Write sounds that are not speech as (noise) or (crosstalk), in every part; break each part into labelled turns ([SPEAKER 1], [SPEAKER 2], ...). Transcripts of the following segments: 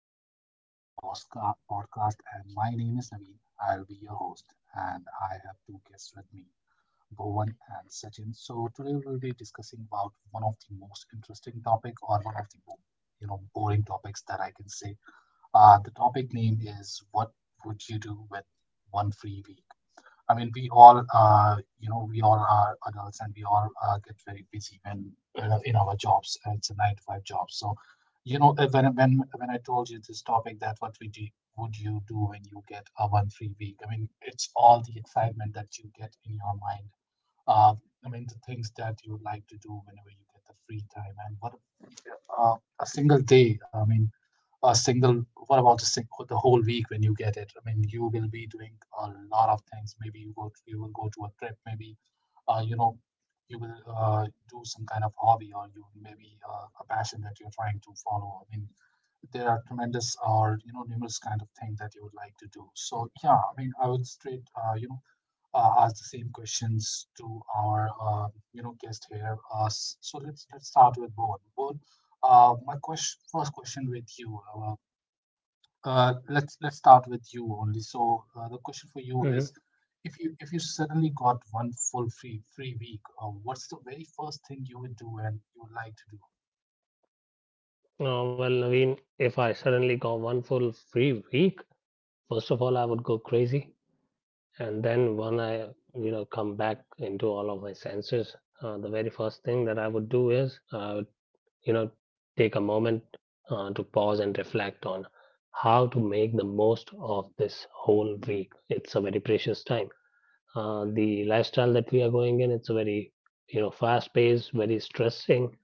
[SPEAKER 1] to the latest podcast. And my name is Naveen. I'll be your host. And I have two guests with me, Bhuvan and Sachin. So today we'll be discussing about one of the most interesting topic or one of the boring topics that I can say. The topic name is what would you do with one free week? I mean, we all, we all are adults and we all get very busy when in our jobs. It's a nine to five job. So, you know, uh, when when when I told you this topic, that what we do, would you do when you get a one free week? I mean, it's all the excitement that you get in your mind. Uh, I mean, the things that you would like to do whenever you get the free time, and what about, a single day. I mean, a single what about the whole week when you get it. I mean, you will be doing a lot of things. Maybe you will go to a trip. Maybe uh, you know you will do some kind of hobby, or you maybe a passion that you're trying to follow. I mean, there are tremendous or numerous kind of things that you would like to do. So yeah, I mean, I would straight ask the same questions to our guest here. So let's start with Bowen. Bowen, my question, first question with you. Let's start with you only. So the question for you is,
[SPEAKER 2] Mhm.
[SPEAKER 1] if you suddenly got one full free week, what's the very first thing you would do and you would like to do?
[SPEAKER 2] Uh, well, Naveen, if I suddenly got one full free week, first of all, I would go crazy. And then when I, you know, come back into all of my senses, the very first thing that I would do is I would, you know, take a moment to pause and reflect on how to make the most of this whole week. It's a very precious time. The lifestyle that we are going in, it's a very, you know, fast-paced, very stressing.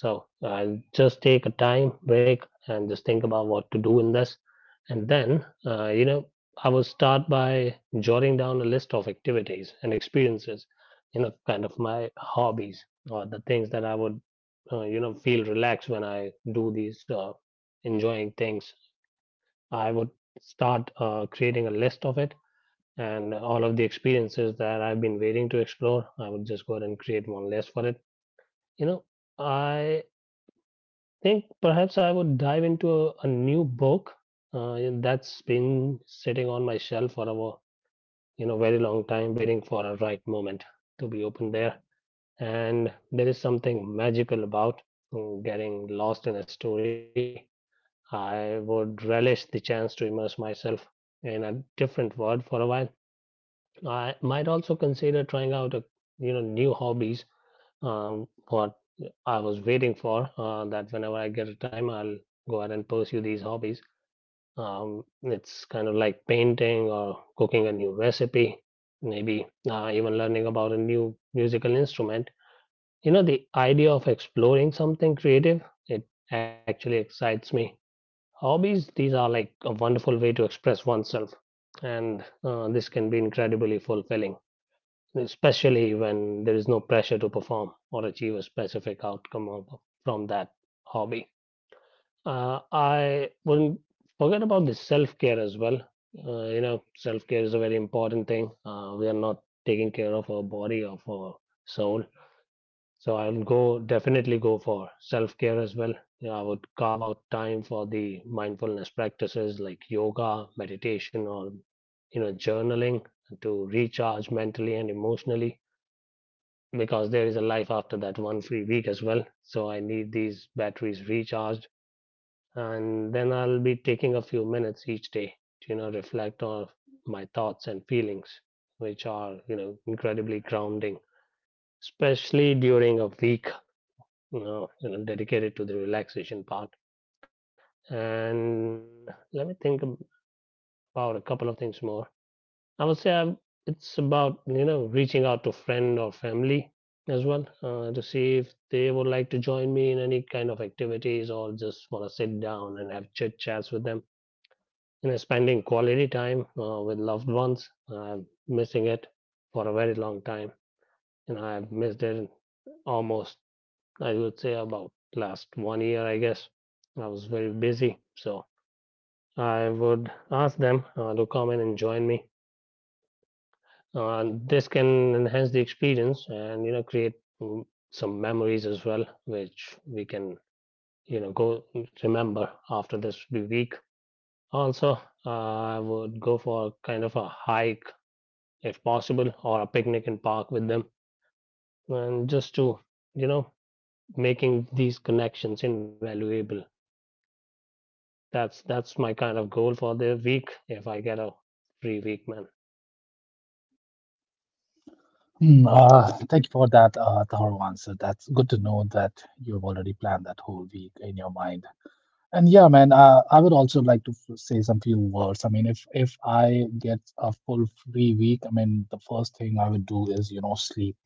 [SPEAKER 2] So I'll just take a time break and just think about what to do in this. And then, I will start by jotting down a list of activities and experiences, you know, kind of my hobbies or the things that I would, feel relaxed when I do these enjoying things. I would start creating a list of it and all of the experiences that I've been waiting to explore. I would just go ahead and create one list for it. You know, I think perhaps I would dive into a new book and that's been sitting on my shelf for a you know very long time, waiting for a right moment to be open there. And there is something magical about getting lost in a story. I would relish the chance to immerse myself in a different world for a while. I might also consider trying out a you know new hobbies. What I was waiting for that whenever I get a time, I'll go ahead and pursue these hobbies. It's kind of like painting or cooking a new recipe, maybe even learning about a new musical instrument. You know, the idea of exploring something creative, it actually excites me. Hobbies, these are like a wonderful way to express oneself, and this can be incredibly fulfilling especially when there is no pressure to perform or achieve a specific outcome of, from that hobby. I wouldn't forget about the self care as well. You know, self care is a very important thing. We are not taking care of our body or our soul. So I'll go definitely go for self care as well. You know, I would carve out time for the mindfulness practices like yoga, meditation, or you know, journaling to recharge mentally and emotionally because there is a life after that one free week as well. So I need these batteries recharged. And then I'll be taking a few minutes each day to, you know, reflect on my thoughts and feelings, which are, you know, incredibly grounding, especially during a week, you know dedicated to the relaxation part. And let me think about a couple of things more. I would say I it's about you know reaching out to friend or family as well to see if they would like to join me in any kind of activities or just want to sit down and have chit chats with them. You know, spending quality time with loved ones. I'm missing it for a very long time. You know, I've missed it almost. I would say about last one year, I guess. I was very busy, so I would ask them to come in and join me. This can enhance the experience and you know create mm, some memories as well, which we can you know go remember after this week. Also, uh, I would go for kind of a hike if possible, or a picnic in park with them, and just to you know making these connections invaluable. That's my kind of goal for the week if I get a free week, man.
[SPEAKER 1] Thank you for that thorough answer. That's good to know that you've already planned that whole week in your mind. And yeah, man, I would also like to say some few words. I mean, if I get a full free week, I mean, the first thing I would do is, you know, sleep,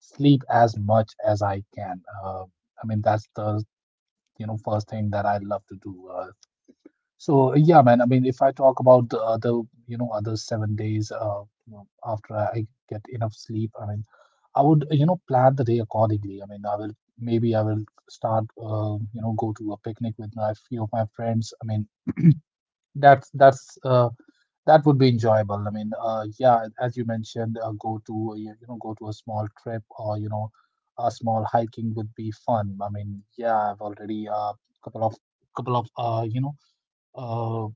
[SPEAKER 1] sleep as much as I can. I mean, that's the, you know, first thing that I love to do. So yeah, man. I mean, if I talk about the other, you know, other 7 days you know, after I get enough sleep, I mean, I would, you know, plan the day accordingly. I mean, I will maybe I will start, you know, go to a picnic with my few of my friends. I mean, (clears throat) that's that's uh, that would be enjoyable. I mean, yeah, as you mentioned, go to go to a small trip, or a small hiking would be fun. I mean, yeah, I've already a couple of couple of uh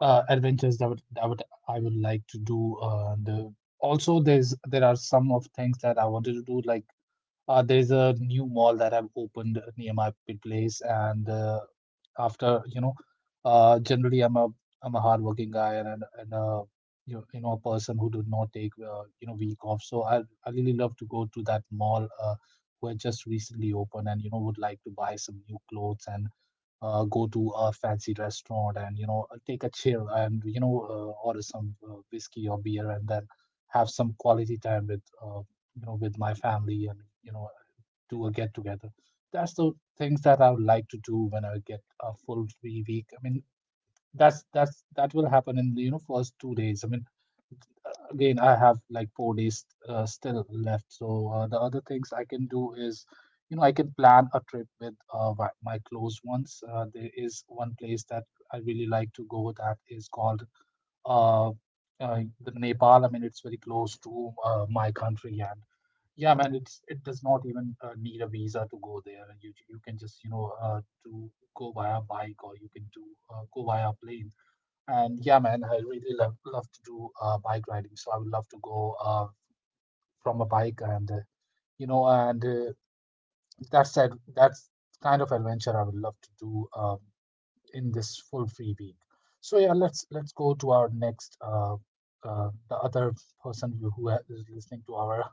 [SPEAKER 1] adventures that would I would like to do. The also there are some of things that I wanted to do. Like there's a new mall that I've opened near my place, and after you know, generally I'm a hardworking guy, and you know a person who do not take week off. So I really love to go to that mall. Who had just recently opened, and you know would like to buy some new clothes and go to a fancy restaurant and you know take a chill and you know order some whiskey or beer, and then have some quality time with with my family, and you know do a get together. That's the things that I would like to do when I get a full free week. I mean, that's that will happen in the you know first 2 days. I mean, again, I have like 4 days still left. So the other things I can do is, you know, I can plan a trip with my close ones. There is one place that I really like to go, that is called uh, the Nepal. I mean, it's very close to my country, and yeah, man, it's it does not even need a visa to go there. You can just you know to go via bike, or you can do go via plane. And yeah, man, I really love to do bike riding. So I would love to go from a bike, and you know, and uh, that said, that's kind of adventure I would love to do. In this full free week. So yeah, let's go to our next the other person who is listening to our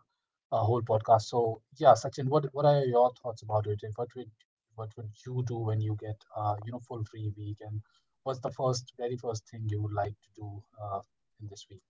[SPEAKER 1] whole podcast. So yeah, Sachin, what are your thoughts about it, and what would you do when you get full free week, and what's the first very first thing you would like to do in this week?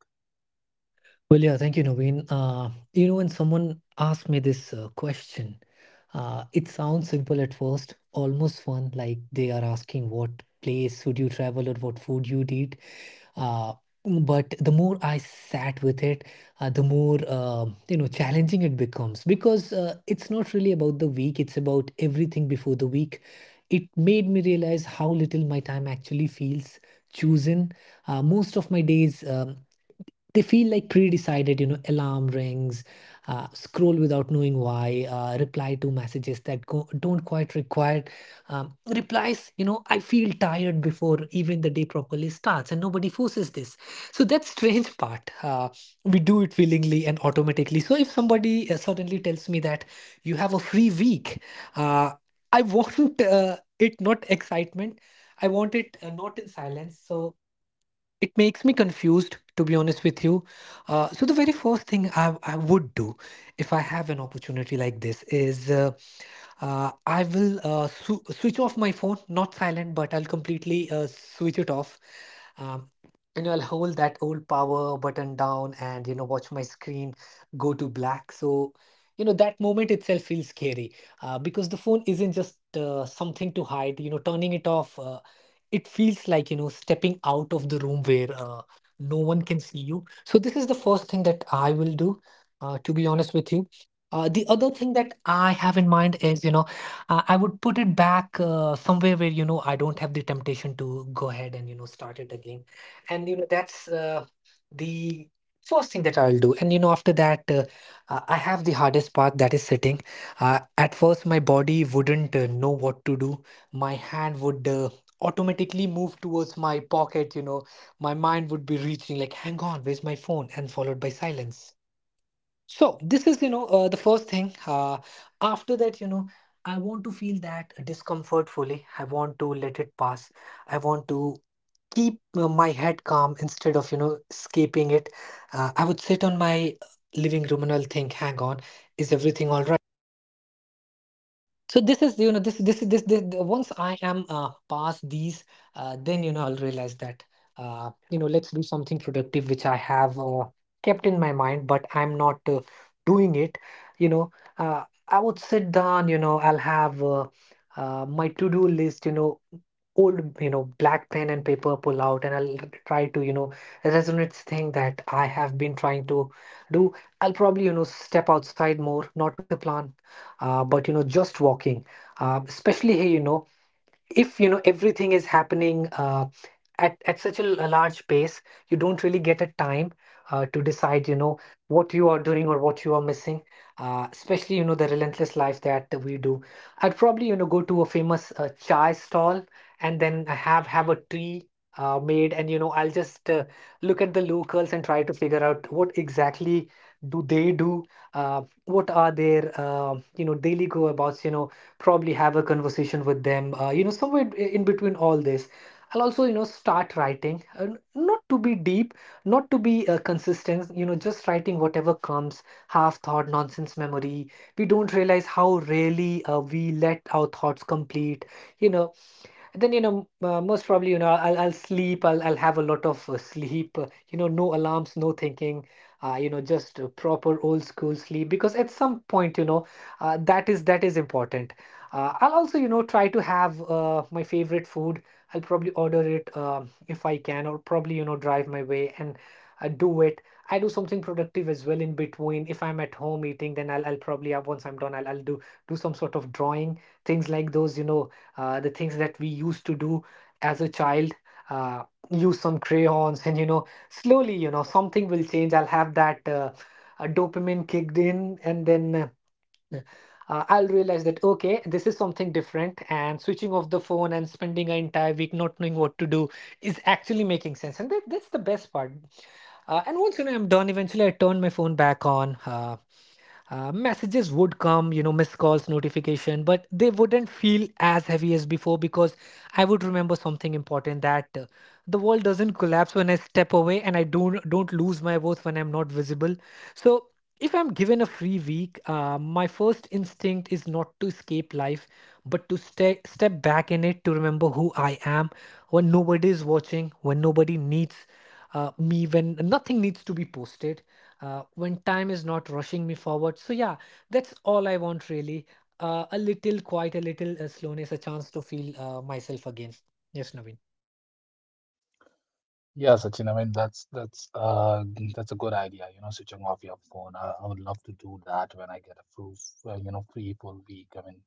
[SPEAKER 1] Yeah, Sachin. I mean, that's that's a good idea. You know, switching off your phone. I would love to do that when I get a full, free full week. I mean,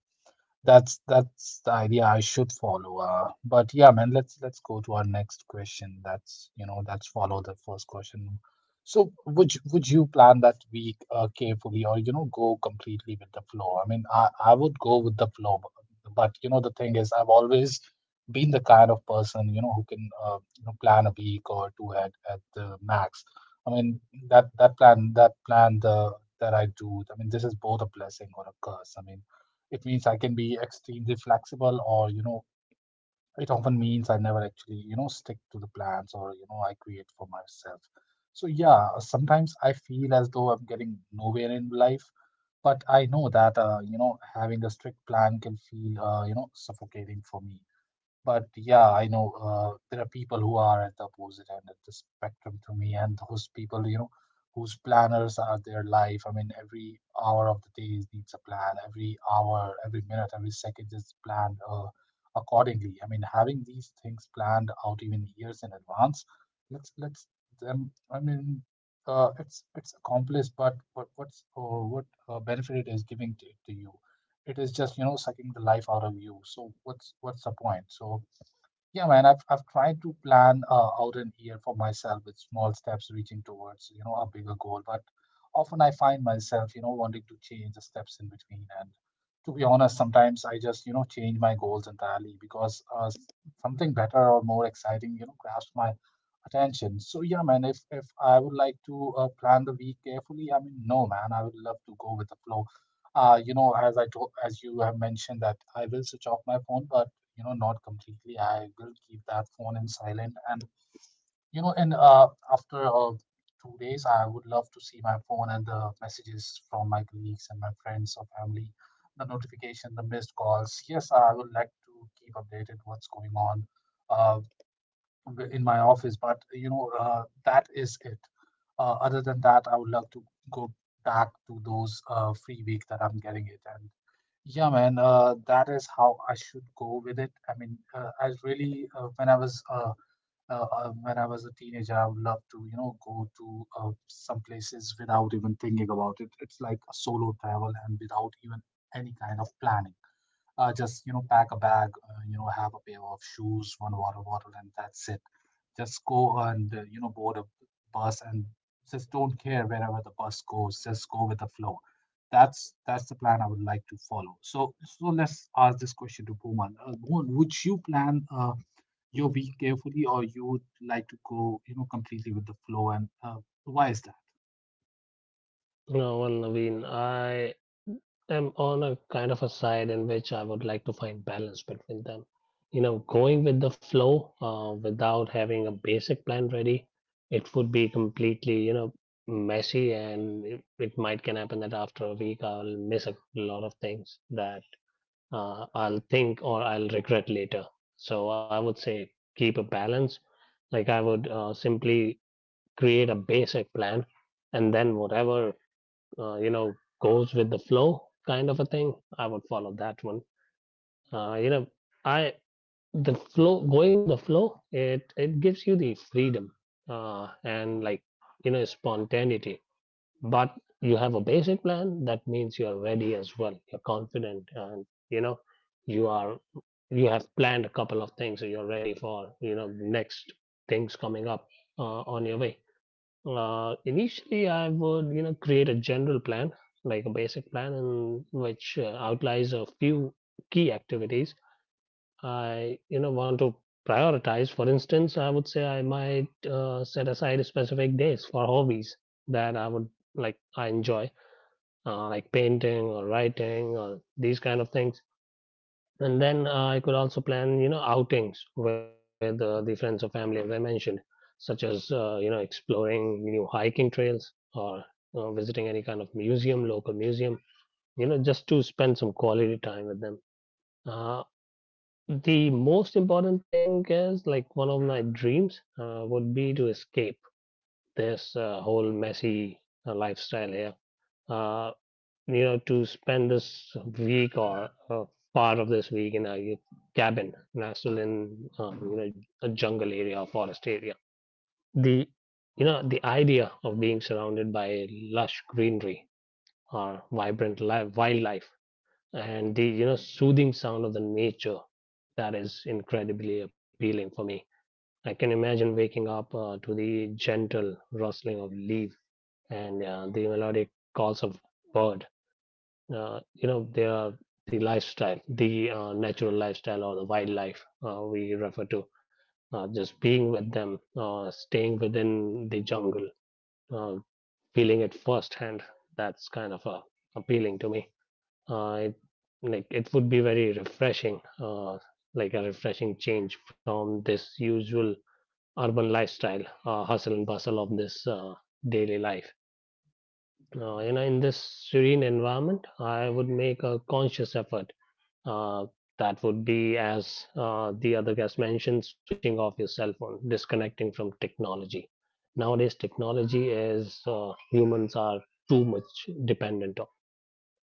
[SPEAKER 1] that's the idea I should follow. But yeah, man, let's go to our next question. That's you know that's follow the first question. So would you plan that week carefully, or you know go completely with the flow? I mean, I would go with the flow, but you know the thing is, I've always been the kind of person you know who can you know plan a week or two at the max. I mean that that plan the that I do. I mean, this is both a blessing or a curse. I mean it means I can be extremely flexible, or you know, it often means I never actually you know stick to the plans, or you know, I create for myself. So yeah, sometimes I feel as though I'm getting nowhere in life, but I know that you know having a strict plan can feel you know suffocating for me. But yeah, I know there are people who are at the opposite end of the spectrum to me, and those people, you know, whose planners are their life. I mean, every hour of the day needs a plan. Every hour, every minute, every second is planned accordingly. I mean, having these things planned out even years in advance, let's them. I mean, it's accomplished, but what what's or what benefit it is giving to you? It is just you know sucking the life out of you. So what's the point? So yeah, man, I've tried to plan out an year for myself with small steps reaching towards, you know, a bigger goal. But often I find myself, you know, wanting to change the steps in between. And to be honest, sometimes I just, you know, change my goals entirely because something better or more exciting, you know, grabs my attention. So yeah, man, if I would like to plan the week carefully, I mean, no, man, I would love to go with the flow. You know, as I told, as you have mentioned that I will switch off my phone, but you know not completely. I will keep that phone in silent, and you know and uh, after 2 days I would love to see my phone and the messages from my colleagues and my friends or family, the notification, the missed calls. Yes, I would like to keep updated what's going on uh, in my office, but that is it. Uh, other than that, I would love to go back to those free week that I'm getting it. And yeah, man, that is how I should go with it. I mean, I really, when I was a teenager, I would love to, you know, go to some places without even thinking about it. It's like a solo travel and without even any kind of planning. Just you know pack a bag, you know have a pair of shoes, one water bottle, and that's it. Just go and you know board a bus, and just don't care wherever the bus goes. Just go with the flow. That's the plan I would like to follow. So let's ask this question to Bhuman. Bhuman, would you plan your week carefully, or you would like to go, completely with the flow, and why is that?
[SPEAKER 2] No, well, Naveen, I am on a kind of a side in which I would like to find balance between them. You know, going with the flow without having a basic plan ready, it would be completely, you know, messy, and it might can happen that after a week I'll miss a lot of things that I'll think or I'll regret later. So I would say keep a balance. Like I would simply create a basic plan, and then whatever uh, you know, goes with the flow kind of a thing, I would follow that one. You know, I the flow going with the flow, it gives you the freedom and like you know spontaneity. But you have a basic plan. That means you are ready as well. You're confident, and you know you are you have planned a couple of things. So you're ready for you know next things coming up on your way. Initially, I would you know create a general plan, like a basic plan, and which outlines a few key activities I you know want to prioritize. For instance, I would say I might set aside specific days for hobbies that I would I enjoy, like painting or writing or these kind of things. And then I could also plan, you know, outings with the friends or family, as I mentioned, such as, you know, exploring new hiking trails or visiting any kind of museum, local museum, you know, just to spend some quality time with them. Uh, the most important thing is like one of my dreams would be to escape this whole messy lifestyle here. Uh, you know, to spend this week or part of this week in a cabin, nestled in, you know, a jungle area, or forest area. The, you know, the idea of being surrounded by lush greenery or vibrant wildlife and the, you know, soothing sound of the nature, that is incredibly appealing for me. I can imagine waking up to the gentle rustling of leaf and the melodic calls of bird. You know they are the lifestyle the natural lifestyle or the wildlife we refer to, just being with them, staying within the jungle, uh, feeling it firsthand, that's kind of appealing to me. uh, it, like it would be very refreshing, like a refreshing change from this usual urban lifestyle, hustle and bustle of this daily life. You know in this serene environment I would make a conscious effort, uh, that would be, as the other guest mentioned, switching off your cell phone, disconnecting from technology. Nowadays, technology is humans are too much dependent on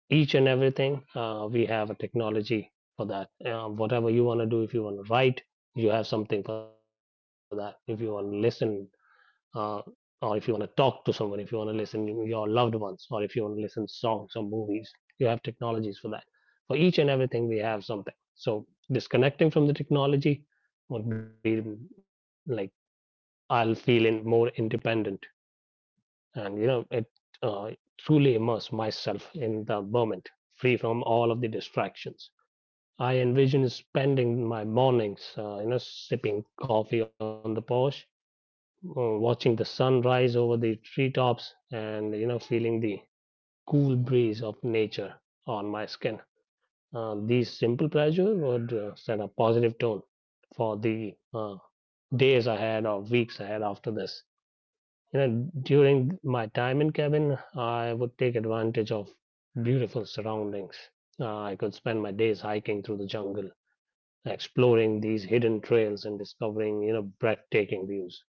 [SPEAKER 2] each and everything. We have a technology for that. Whatever you want to do, if you want to write, you have something for that. If you want to listen, uh, or if you want to talk to someone, if you want to listen to your loved ones, or if you want to listen to songs or movies, you have technologies for that. For each and everything, we have something. So disconnecting from the technology would be like I'll feel in more independent, and you know it uh, truly immerse myself in the moment, free from all of the distractions. I envision spending my mornings, you know, sipping coffee on the porch, watching the sun rise over the treetops and you know feeling the cool breeze of nature on my skin. These simple pleasures would set a positive tone for the days ahead or weeks ahead after this you know. During my time in cabin I would take advantage of beautiful surroundings. I could spend my days hiking through the jungle, exploring these hidden trails and discovering you know breathtaking views.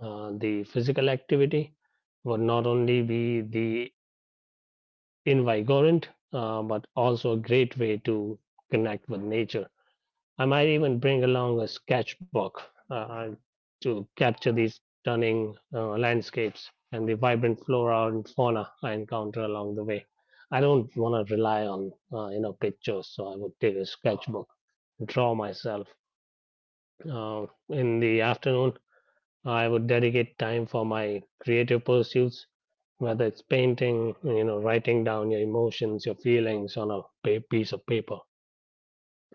[SPEAKER 2] The physical activity would not only be the invigorant, but also a great way to connect with nature. I might even bring along a sketchbook uh, to capture these stunning landscapes and the vibrant flora and fauna I encounter along the way. I don't want to rely on you know pictures, so I would take a sketchbook, draw myself in the afternoon. I would dedicate time for my creative pursuits, whether it's painting, you know, writing down your emotions, your feelings on a piece of paper,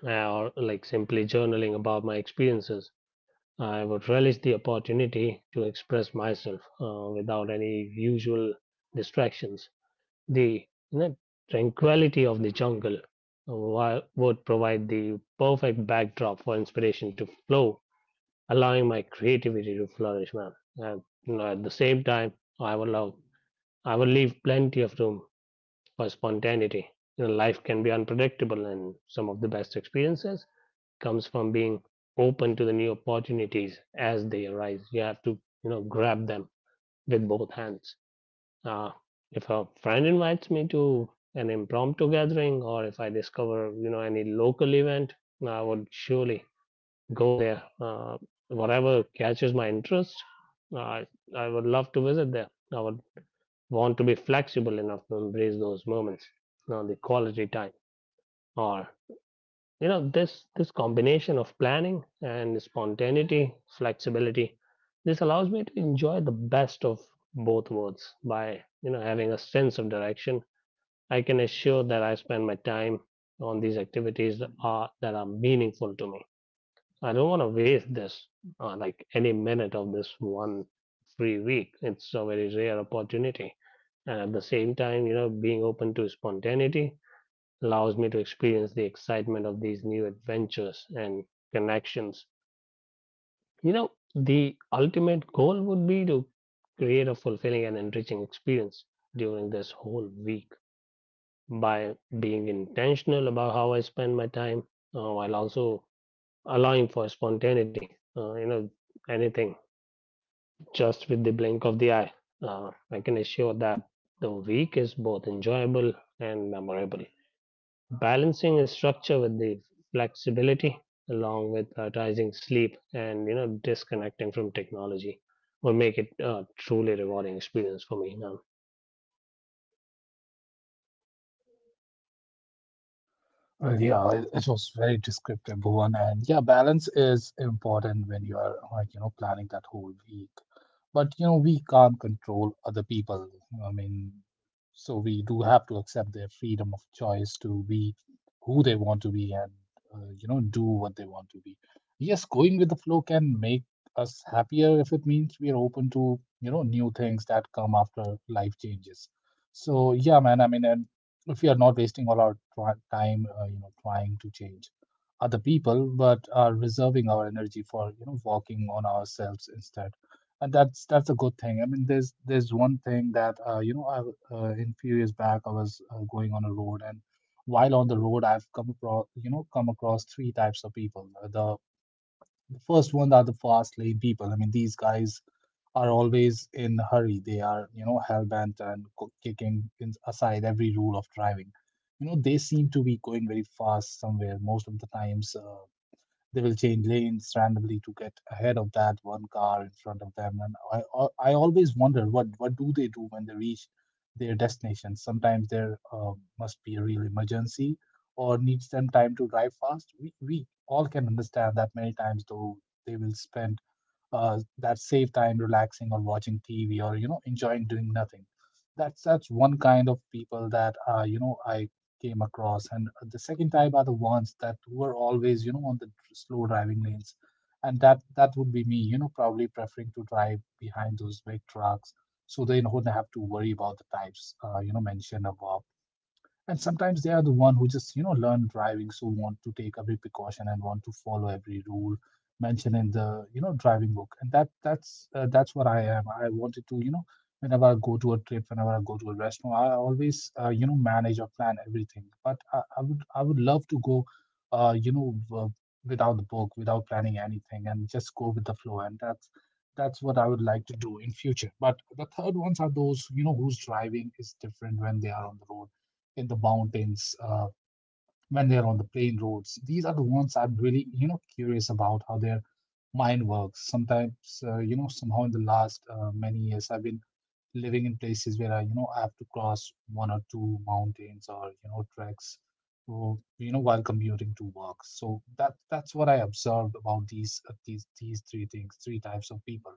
[SPEAKER 2] or like simply journaling about my experiences. I would relish the opportunity to express myself without any usual distractions. The you know, tranquility of the jungle, would provide the perfect backdrop for inspiration to flow, allowing my creativity to flourish, man. And you know, at the same time, I will allow, I will leave plenty of room for spontaneity. You know, life can be unpredictable, and some of the best experiences comes from being open to the new opportunities as they arise. You have to, you know, grab them with both hands. Uh, if a friend invites me to an impromptu gathering, or if I discover, you know, any local event, I would surely go there. Whatever catches my interest, I I would love to visit there. I would want to be flexible enough to embrace those moments, you know, the quality time, or this combination of planning and spontaneity, flexibility, this allows me to enjoy the best of both worlds by having a sense of direction. I can assure that I spend my time on these activities that that are meaningful to me. I don't want to waste this, like any minute of this one free week. It's a very rare opportunity. And at the same time, you know, being open to spontaneity allows me to experience the excitement of these new adventures and connections. You know, the ultimate goal would be to create a fulfilling and enriching experience during this whole week by being intentional about how I spend my time while also allowing for spontaneity, anything just with the blink of the eye. I can assure that the week is both enjoyable and memorable. Balancing a structure with the flexibility, along with prioritizing sleep and disconnecting from technology, will make it a truly rewarding experience for me. Now,
[SPEAKER 1] Yeah, it was very descriptive, Bhuvan. And yeah, balance is important when you are, like, you know, planning that whole week. But, you know, we can't control other people. I mean, so we do have to accept their freedom of choice to be who they want to be and, you know, do what they want to be. Yes, going with the flow can make us happier if it means we are open to, you know, new things that come after life changes. So yeah, man. I mean, and if we are not wasting all our try time, you know, trying to change other people, but are reserving our energy for, you know, working on ourselves instead, and that's a good thing. I mean, there's one thing that, in few years back I was going on a road, and while on the road I've come across three types of people. The first one are the fast lane people. I mean, these guys are always in a hurry. They are, you know, hellbent and kicking aside every rule of driving. You know, they seem to be going very fast somewhere. Most of the times, they will change lanes randomly to get ahead of that one car in front of them. And I always wonder, what do they do when they reach their destination? Sometimes there must be a real emergency or needs them time to drive fast. We all can understand that many times though they will spend that save time relaxing or watching TV or, you know, enjoying doing nothing. That's one kind of people that, I came across. And the second type are the ones that were always, you know, on the slow driving lanes, and that would be me. You know, probably preferring to drive behind those big trucks, so they don't have to worry about the types you know mentioned above. And sometimes they are the one who just, you know, learn driving, so want to take every precaution and want to follow every rule mentioned in the, you know, driving book. And that's what I am. I wanted to, you know, whenever I go to a trip, whenever I go to a restaurant, I always, manage or plan everything. But I would love to go, uh, you know uh, without the book, without planning anything, and just go with the flow. And that's what I would like to do in future. But the third ones are those, you know, whose driving is different when they are on the road in the mountains, when they're on the plain roads. These are the ones I'm really, you know, curious about, how their mind works. Sometimes, you know, somehow in the last many years, I've been living in places where I have to cross one or two mountains, or, you know, treks, or, you know, while commuting to work. So that's what I observed about these three things, three types of people.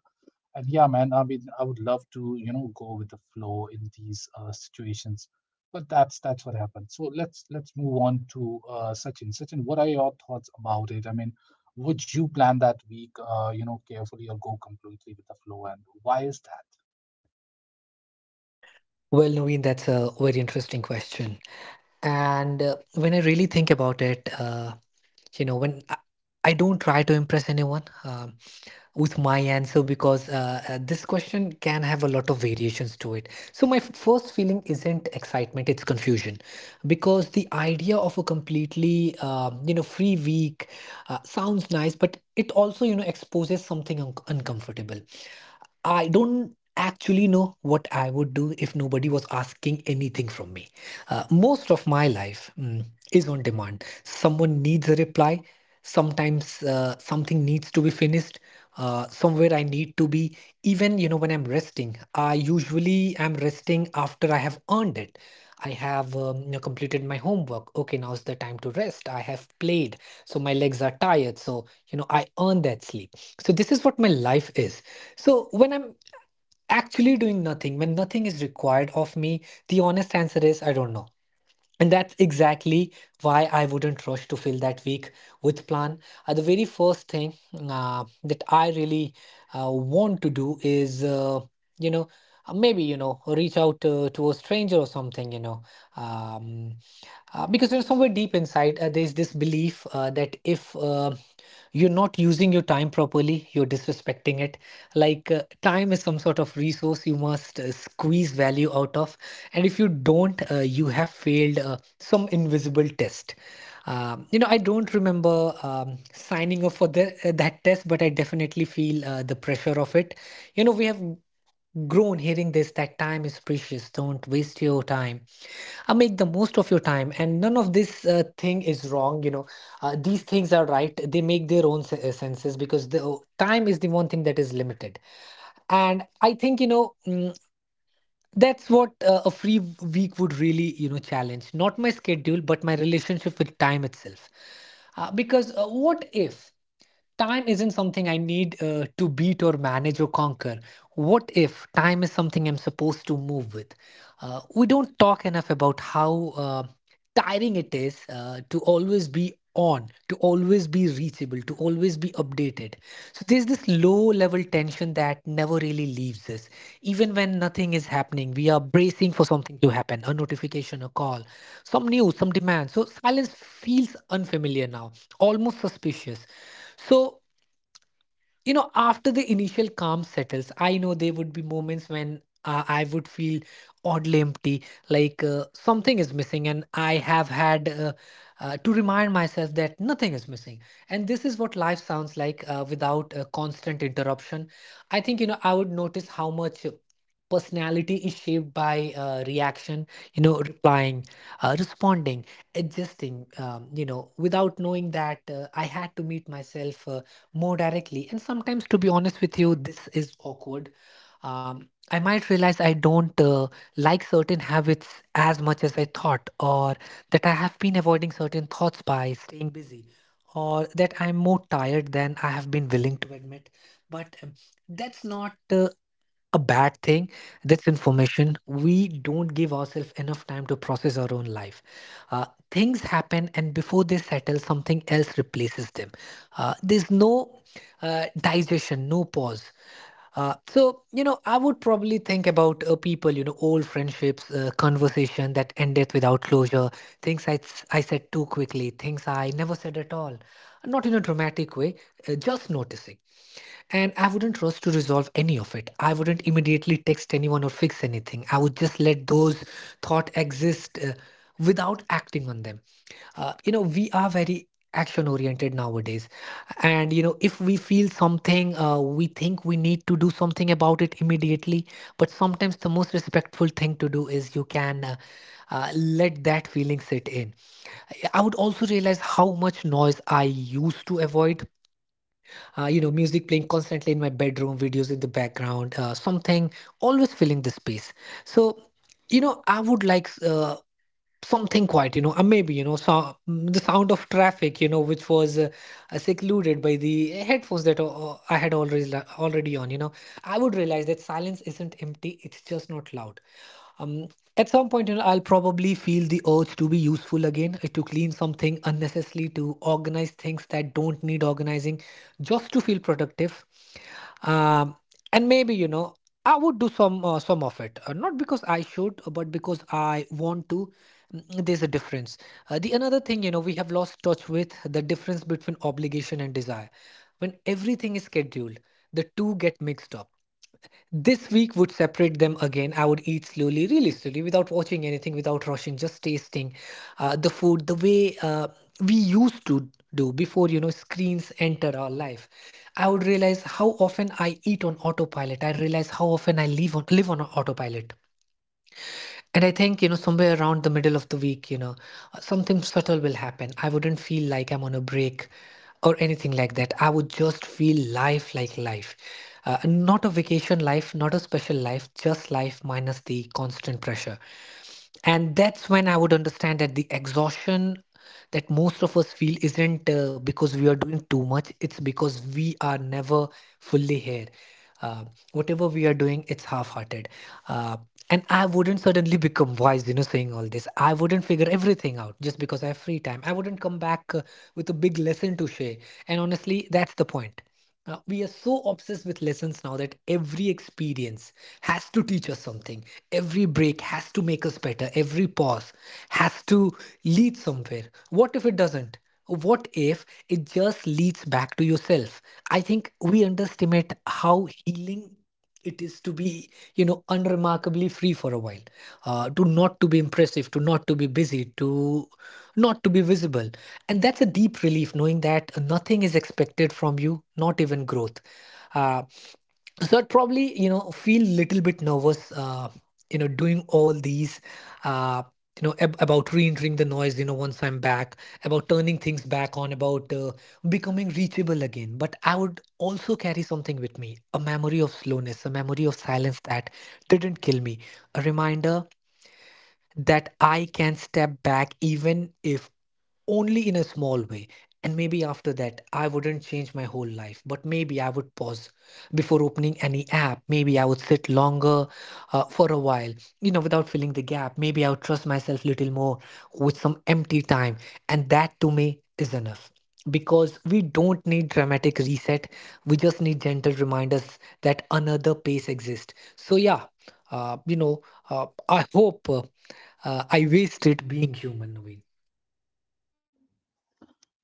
[SPEAKER 1] And yeah, man, I mean, I would love to, you know, go with the flow in these situations, but that's what happened. So let's move on to Sachin. Sachin, what are your thoughts about it? I mean, would you plan that week, you know, carefully, or go completely with the flow? And why is that?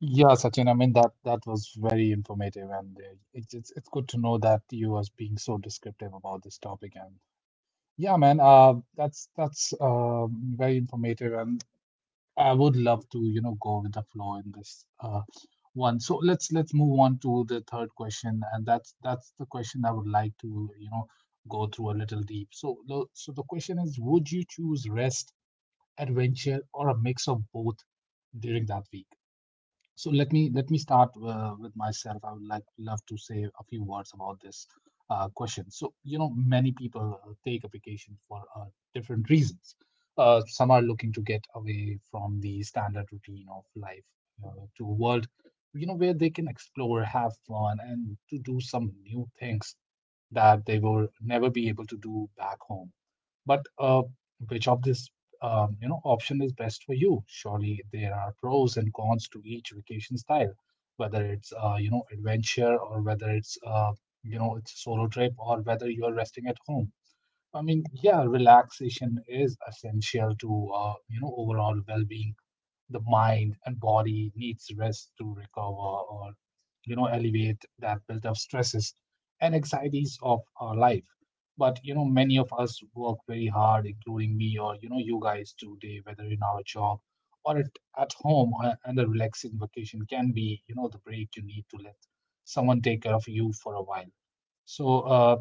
[SPEAKER 1] Yeah, Sachin, I mean that was very informative, and it's good to know that you was being so descriptive about this topic. And yeah, man, that's very informative, and I would love to, you know, go with the flow in this one. So let's move on to the third question, and that's the question I would like to, you know, go through a little deep. So the question is, would you choose rest, adventure, or a mix of both during that week? So let me start with myself. I would like love to say a few words about this question. So you know, many people take a vacation for different reasons. Some are looking to get away from the standard routine of life to a world, you know, where they can explore, have fun, and to do some new things that they will never be able to do back home. But which of this, option is best for you? Surely there are pros and cons to each vacation style, whether it's you know adventure, or whether it's you know it's a solo trip, or whether you are resting at home. I mean, yeah, relaxation is essential to you know overall well-being. The mind and body needs rest to recover, or, you know, alleviate that built up stresses and anxieties of our life. But you know many of us work very hard, including me, or, you know, you guys today, whether in our job or at home. And a relaxing vacation can be, you know, the break you need to let someone take care of you for a while. So uh,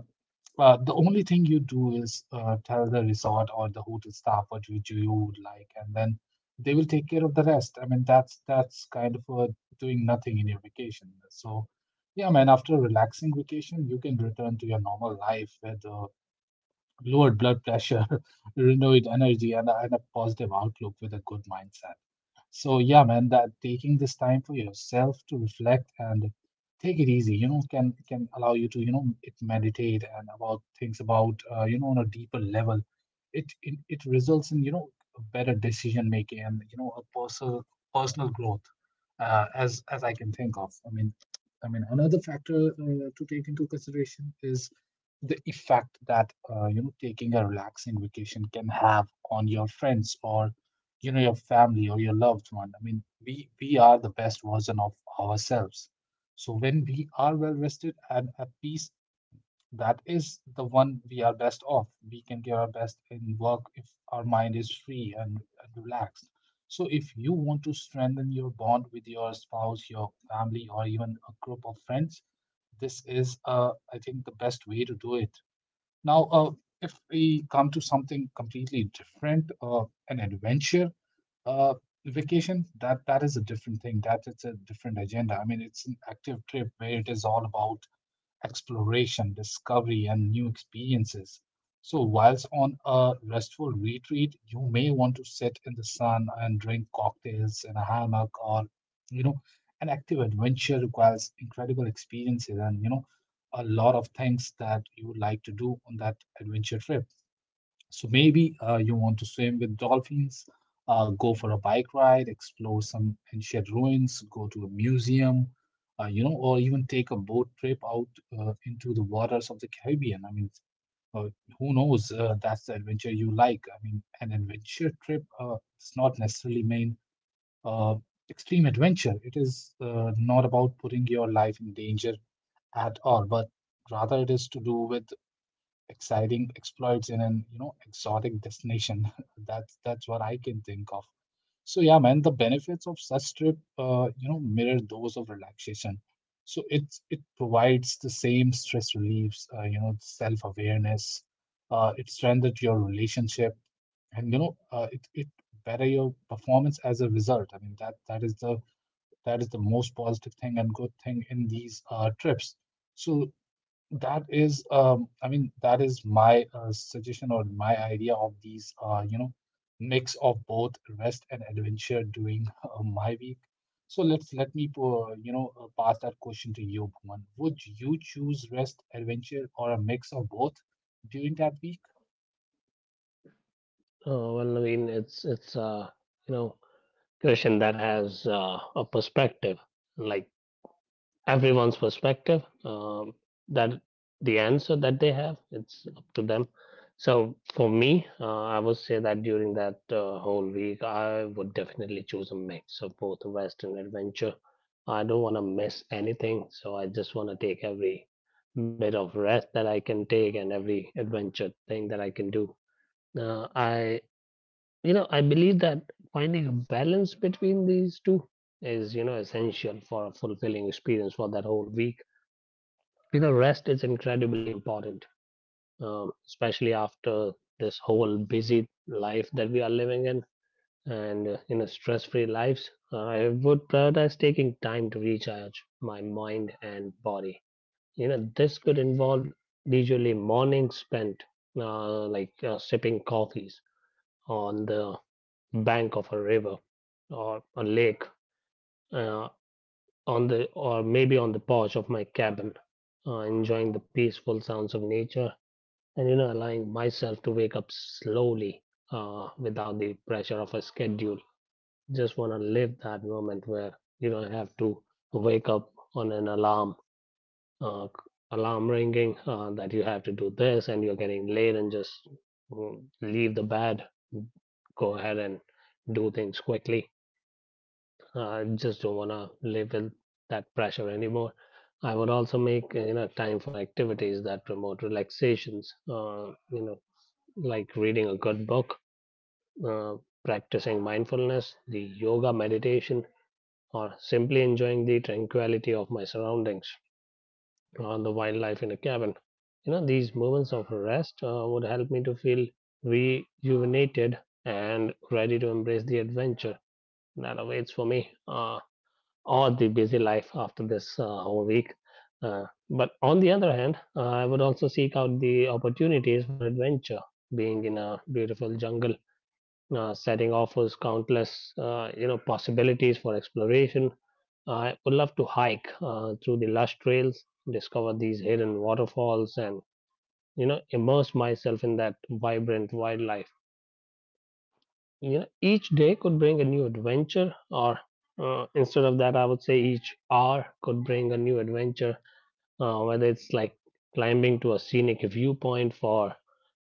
[SPEAKER 1] uh, the only thing you do is tell the resort or the hotel staff what you would like, and then they will take care of the rest. I mean, that's kind of doing nothing in your vacation. So, yeah, man, after a relaxing vacation, you can return to your normal life with lowered blood pressure, (laughs) renewed energy, and a positive outlook with a good mindset. So yeah, man, that taking this time for yourself to reflect and take it easy, you know, can allow you to, you know, it meditate and about things about, you know, on a deeper level. It results in, you know, better decision making and, you know, a personal personal growth, as I can think of. I mean, another factor to take into consideration is the effect that you know taking a relaxing vacation can have on your friends, or, you know, your family or your loved one. I mean, we are the best version of ourselves, so when we are well rested and at peace, that is the one we are best off. We can give our best in work if our mind is free and relaxed. So if you want to strengthen your bond with your spouse, your family, or even a group of friends, this is, I think, the best way to do it. Now, if we come to something completely different, an adventure uh, vacation, that is a different thing. That it's a different agenda. I mean, it's an active trip where it is all about exploration, discovery, and new experiences. So, whilst on a restful retreat, you may want to sit in the sun and drink cocktails in a hammock, or, you know, an active adventure requires incredible experiences and, you know, a lot of things that you would like to do on that adventure trip. So maybe you want to swim with dolphins, go for a bike ride, explore some ancient ruins, go to a museum, you know, or even take a boat trip out into the waters of the Caribbean. I mean, uh, who knows? That's the adventure you like. I mean, an adventure trip does not necessarily mean uh, extreme adventure. It is not about putting your life in danger at all, but rather it is to do with exciting exploits in an, you know, exotic destination. (laughs) That's what I can think of. So yeah, man, the benefits of such trip, you know, mirror those of relaxation. So it provides the same stress reliefs, you know, self awareness. It strengthens your relationship, and you know, it better your performance as a result. I mean that is the that is the most positive thing and good thing in these trips. So that is, I mean, that is my suggestion or my idea of these, you know, mix of both rest and adventure during (laughs) my week. So let me pass that question to you, Bhuman. Would you choose rest, adventure, or a mix of both during that week?
[SPEAKER 2] well, I mean, it's you know question that has a perspective like everyone's perspective, that the answer that they have, it's up to them. So for me, I would say that during that, whole week I would definitely choose a mix of both western adventure. I don't want to miss anything, so I just want to take every bit of rest that I can take and every adventure thing that I can do. I you know I believe that finding a balance between these two is, you know, essential for a fulfilling experience for that whole week. You know, rest is incredibly important, especially after this whole busy life that we are living in, and in a stress free lives. I would prioritize taking time to recharge my mind and body. You know, this could involve leisurely mornings spent, sipping coffees on the bank of a river or a lake, uh, on the or maybe on the porch of my cabin, enjoying the peaceful sounds of nature and, you know, allowing myself to wake up slowly, without the pressure of a schedule. Just want to live that moment where you don't have to wake up on an alarm, uh, alarm ringing, that you have to do this and you're getting late and just, leave the bed, go ahead and do things quickly. I just don't want to live with that pressure anymore. I would also make, you know, time for activities that promote relaxations, you know like reading a good book, uh, practicing mindfulness, the yoga meditation, or simply enjoying the tranquility of my surroundings or the wildlife in a cabin. You know, these moments of rest would help me to feel rejuvenated and ready to embrace the adventure that awaits for me, or the busy life after this, whole week. But on the other hand, I would also seek out the opportunities for adventure, being in a beautiful jungle. Setting offers countless, you know, possibilities for exploration. I would love to hike through the lush trails, discover these hidden waterfalls, and, you know, immerse myself in that vibrant wildlife. You know, each day could bring a new adventure, or, instead of that, I would say each hour could bring a new adventure, whether it's like climbing to a scenic viewpoint for,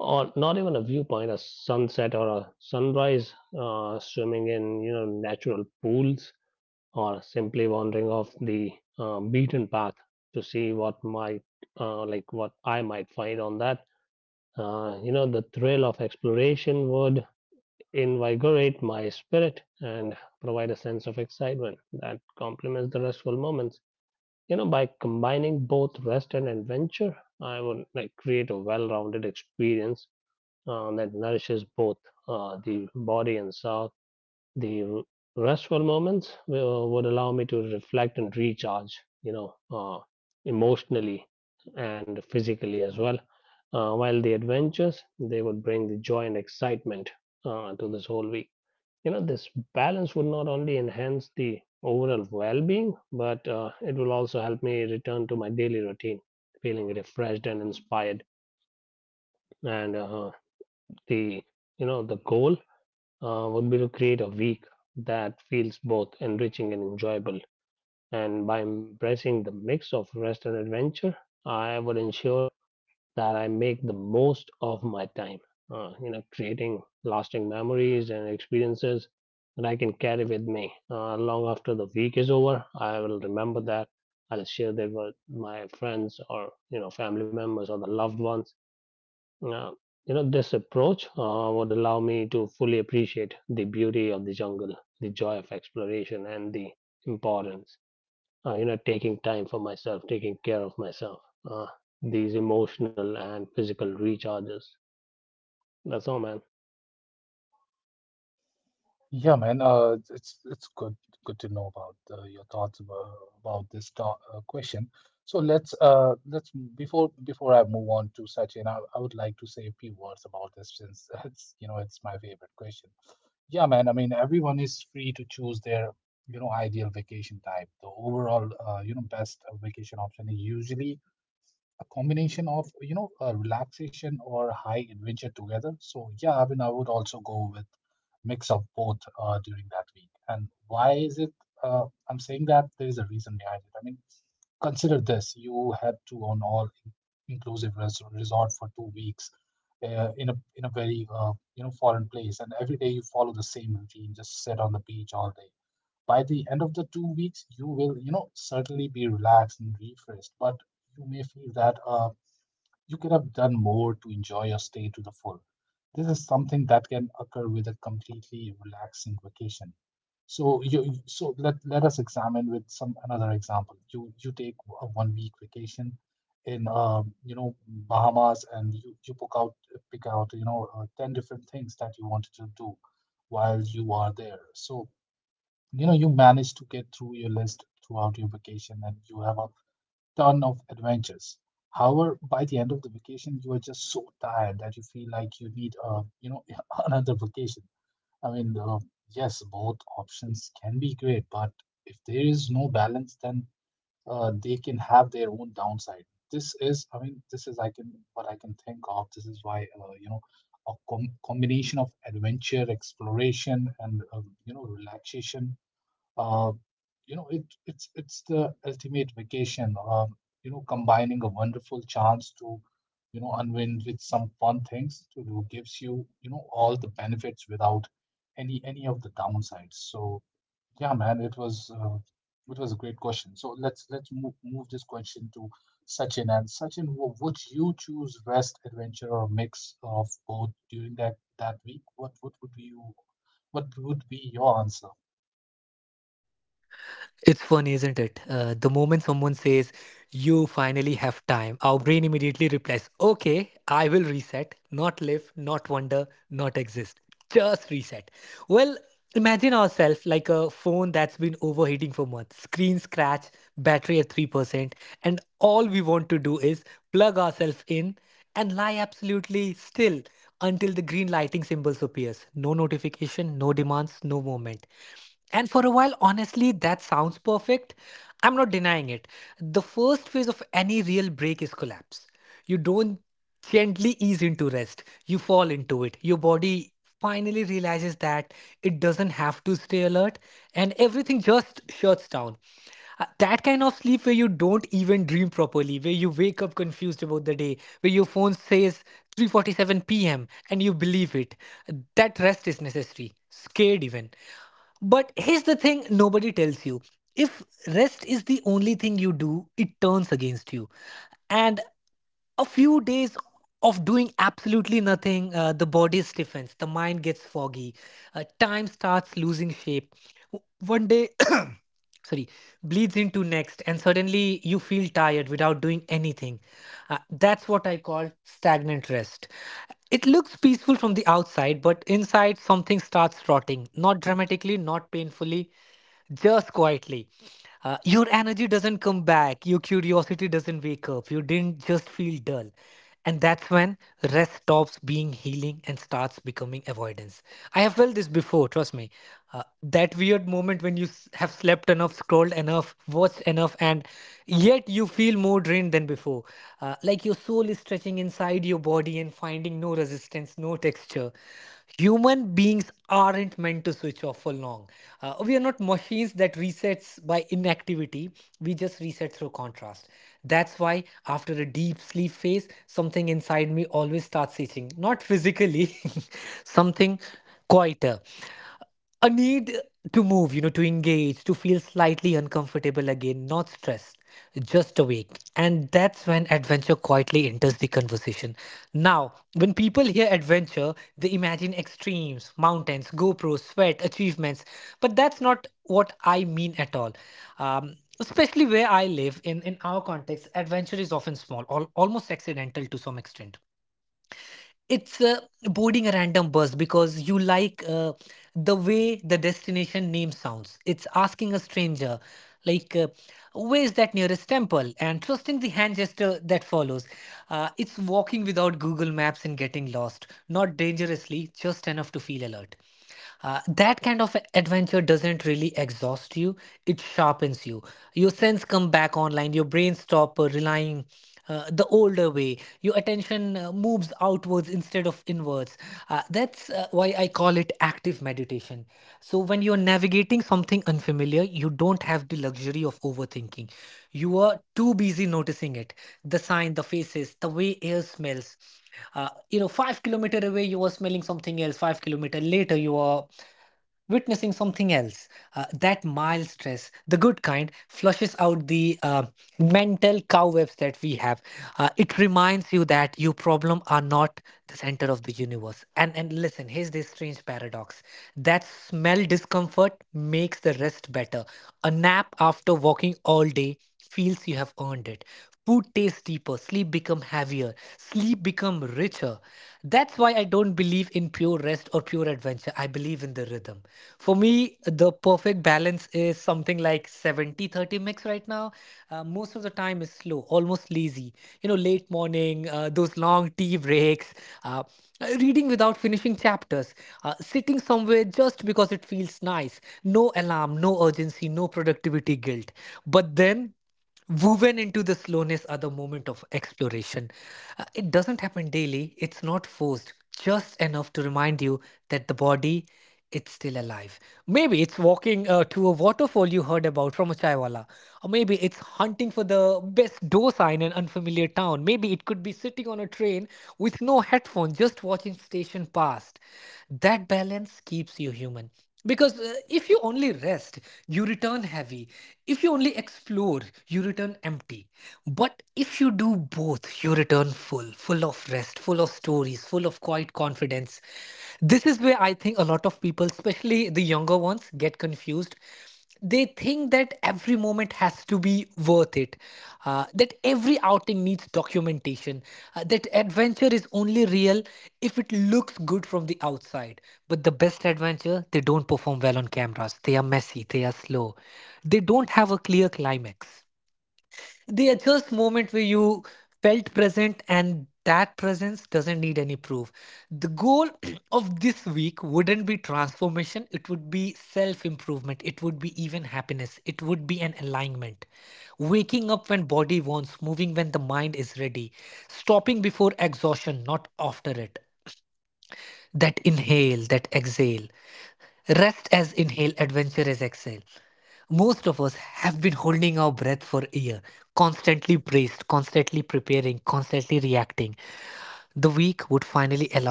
[SPEAKER 2] or not even a viewpoint, a sunset or a sunrise, swimming in, you know, natural pools, or simply wandering off the, beaten path to see what might, what I might find on that. Uh, you know, the thrill of exploration would invigorate my spirit and provide a sense of excitement that complements the restful moments. You know, by combining both rest and adventure, I would like create a well-rounded experience, that nourishes both, the body and soul. The restful moments would allow me to reflect and recharge, you know uh, emotionally and physically as well, while the adventures they would bring the joy and excitement, to this whole week. You know, this balance would not only enhance the overall well-being, but, it will also help me return to my daily routine feeling refreshed and inspired. And uh, the you know the goal, would be to create a week that feels both enriching and enjoyable, and by embracing the mix of rest and adventure, I would ensure that I make the most of my time, you know, creating lasting memories and experiences that I can carry with me long after the week is over. I will remember that. I'll share that with my friends or, you know, family members or the loved ones. Uh, you know, this approach would allow me to fully appreciate the beauty of the jungle, the joy of exploration, and the importance, you know, taking time for myself, taking care of myself, uh, these emotional and physical recharges. That's all, man.
[SPEAKER 1] Yeah, man. It's good good to know about your thoughts about this to question. So let's before I move on to Sachin, I would like to say a few words about this since (laughs) it's you know it's my favorite question. Yeah, man. I mean, everyone is free to choose their ideal vacation type. The overall best vacation option is usually a combination of a relaxation or high adventure together. So yeah, I mean, I would also go with mix of both during that week. And why is it I'm saying that? There is a reason behind it. I mean, consider this. You had to on all inclusive resort for 2 weeks in a very foreign place, and every day you follow the same routine, just sit on the beach all day. By the end of the 2 weeks you will certainly be relaxed and refreshed, but you may feel that you could have done more to enjoy your stay to the full. This is something that can occur with a completely relaxing vacation. So let us examine with some another example. You take a 1 week vacation in Bahamas, and you pick out ten different things that you wanted to do while you are there. So you manage to get through your list throughout your vacation, and you have a ton of adventures. However, by the end of the vacation, you are just so tired that you feel like you need a, (laughs) another vacation. I mean, yes, both options can be great, but if there is no balance, then they can have their own downside. This is, I mean, this is I can what I can think of. This is why, a combination of adventure, exploration, and relaxation uh, it's the ultimate vacation, combining a wonderful chance to unwind with some fun things to do, gives you you know all the benefits without any of the downsides. So yeah, man, it was a great question. So let's move this question to Sachin. And Sachin, would you choose rest, adventure, or a mix of both during that week? What would be you, what would be your answer?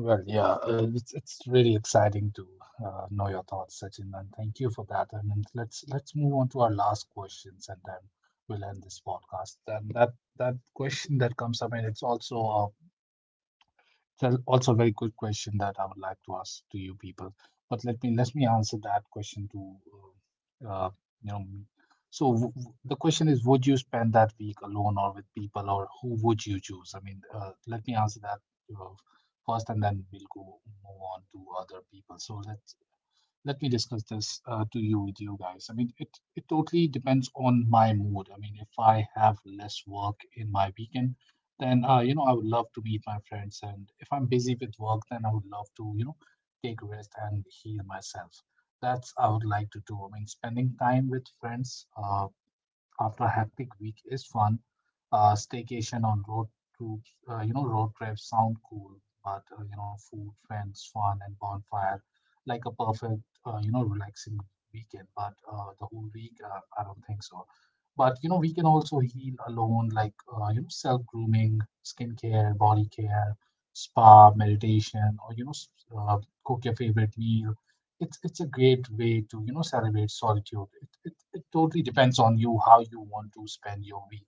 [SPEAKER 1] Well, yeah, it's really exciting to know your thoughts, Sachin, and thank you for that. And then let's move on to our last questions, and then we'll end this podcast. And that question that comes up, and it's also a. That's also a very good question that I would like to ask to you people. But let me answer that question to uh, uh, me. So the question is, would you spend that week alone or with people, or who would you choose? I mean, let me answer that uh, first, and then we'll go move on to other people. So let's, let me discuss this to you with you guys. I mean, it totally depends on my mood. I mean, if I have less work in my weekend, then I would love to meet my friends, and if I'm busy with work, then I would love to take a rest and heal myself. That's I would like to do. I mean, spending time with friends, after a hectic week is fun. Staycation on road trips, road trips sound cool, but food, friends, fun, and bonfire, like a perfect, relaxing weekend. But the whole week, I don't think so. But you know, we can also heal alone, like self grooming, skincare, body care, spa, meditation, or uh, cook your favorite meal. It's a great way to celebrate solitude. It totally depends on you how you want to spend your week.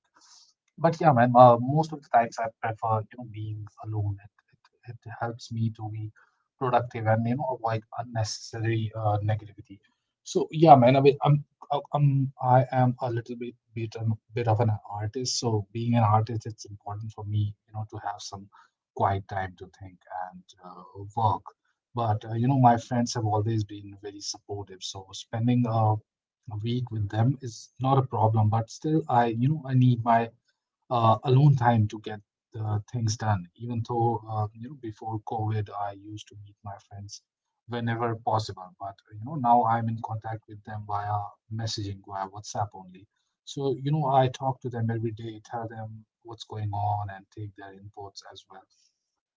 [SPEAKER 1] But yeah, man, most of the times I prefer, being alone. It helps me to be productive and, you know, avoid unnecessary negativity. So yeah, man, I mean, I'm, I am a little bit of an artist. So being an artist, it's important for me, you know, to have some quiet time to think and work. But, you know, my friends have always been very supportive. So spending a week with them is not a problem, but still I, you know, I need my alone time to get the things done. Even though before COVID, I used to meet my friends whenever possible, but you know now I'm in contact with them via messaging, via WhatsApp only. So you know I talk to them every day, tell them what's going on, and take their inputs as well.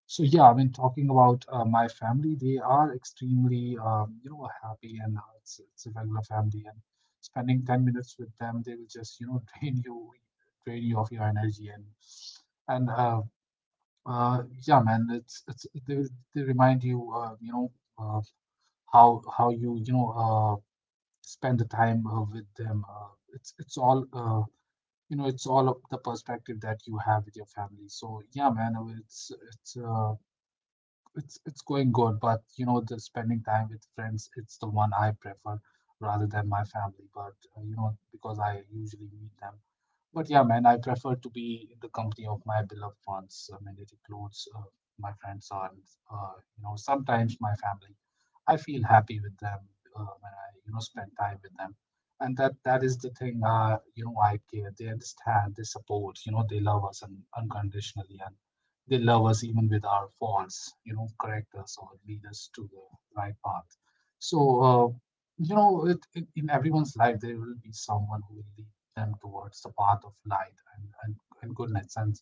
[SPEAKER 1] So yeah, I mean, talking about my family, they are extremely, you know, happy, and it's a regular family. And spending 10 minutes with them, they will just, you know, (laughs) drain you of your energy. And and uh, yeah, man, they remind you, you know, uh, how you you know spend the time with them. It's all you know, it's all of the perspective that you have with your family. So yeah, man, it's going good, but you know, the spending time with friends, it's the one I prefer rather than my family. But you know, because I usually meet them. But yeah, man, I prefer to be in the company of my beloved ones. I mean, it includes my friends and you know sometimes my family. I feel happy with them when I you know spend time with them, and that is the thing. You know, I care. They understand. They support. You know, they love us unconditionally, and they love us even with our faults. You know, correct us or lead us to the right path. So uh, you know, it, in everyone's life there will be someone who will lead them towards the path of light, and goodness. And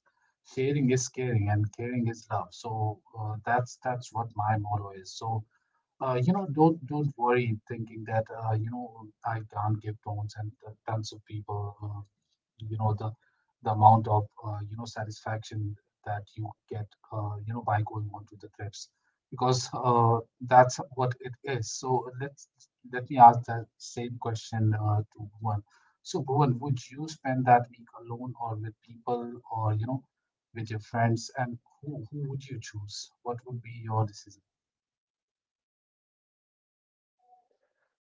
[SPEAKER 1] sharing is caring, and caring is love. So that's what my motto is. So you know, don't worry thinking that you know I can't give tones and tons of people you know the amount of you know satisfaction that you get you know by going on to the trips, because that's what it is. So let me ask that same question to Bhuvan. So Bhuvan, would you spend that week alone or with people, or you know, with your friends? And who would you choose? What would be your decision?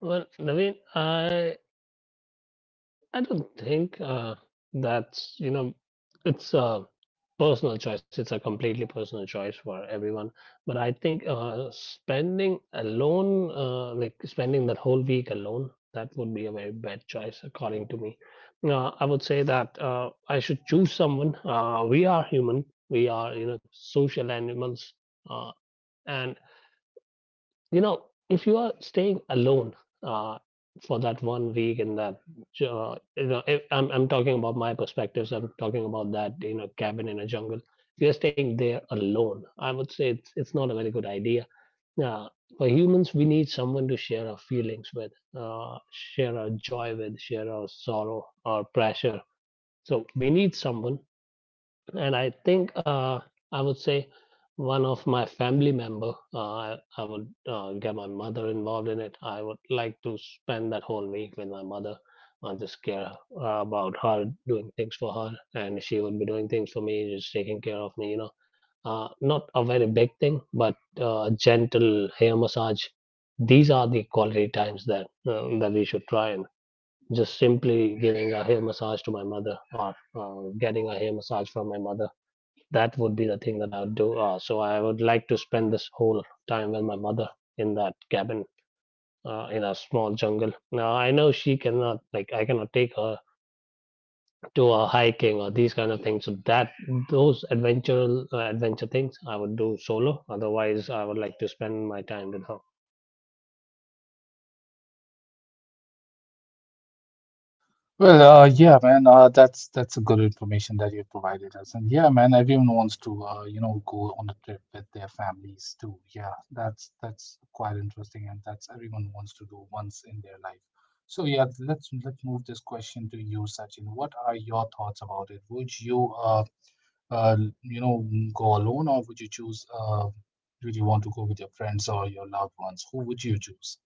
[SPEAKER 2] Well, Naveen, I don't think that's, you know, it's a personal choice. It's a completely personal choice for everyone. But I think, spending alone, like spending that whole week alone, that would be a very bad choice, according to me. I would say that, I should choose someone. We are human. We are, you know, social animals. Uh, and you know, if you are staying alone, uh, for that 1 week in that, you know, if, I'm talking about my perspectives. I'm talking about that, you know, cabin in a jungle. If you're staying there alone, I would say it's not a very good idea. Uh, for humans, we need someone to share our feelings with, share our joy with, share our sorrow, our pressure. So we need someone, and I think, I would say one of my family member. I would get my mother involved in it. I would like to spend that whole week with my mother and just care, about her, doing things for her, and she would be doing things for me, just taking care of me. You know, not a very big thing, but, a gentle hair massage. These are the quality times that that we should try, and just simply giving a hair massage to my mother or, getting a hair massage from my mother, that would be the thing that I would do. So I would like to spend this whole time with my mother in that cabin, in a small jungle. Now I know she cannot, like I cannot take her to a hiking or these kind of things. So that those adventure, adventure things I would do solo. Otherwise, I would like to spend my time with her.
[SPEAKER 1] Well, yeah, man, that's a good information that you provided us. And yeah, man, everyone wants to, you know, go on a trip with their families too. Yeah, that's quite interesting, and that's everyone wants to do once in their life. So yeah, let's move this question to you, Sachin. What are your thoughts about it? Would you, uh, you know, go alone, or would you choose, would you want to go with your friends or your loved ones? Who would you choose?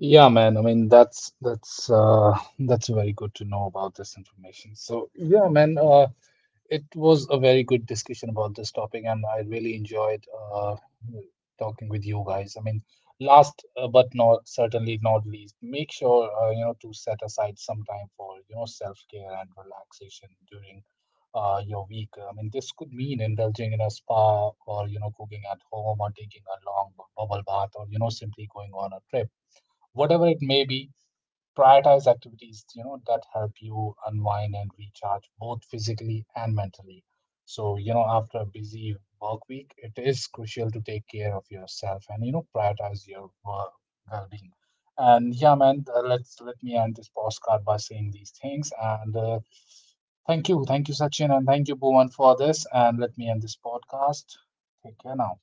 [SPEAKER 1] Yeah, man. I mean, that's very good to know about this information. So, yeah, man. It was a very good discussion about this topic, and I really enjoyed uh, talking with you guys. I mean, last but not certainly not least, make sure you know to set aside some time for you know self care and relaxation during your week. I mean, this could mean indulging in a spa, or you know, cooking at home, or taking a long bubble bath, or you know, simply going on a trip, whatever it may be, prioritize activities, you know, that help you unwind and recharge both physically and mentally. So, you know, after a busy work week, it is crucial to take care of yourself and, you know, prioritize your work well-being. And yeah, man, let's let me end this postcard by saying these things. And thank you, Sachin, and thank you, Bhuvan, for this. And let me end this podcast. Take care now.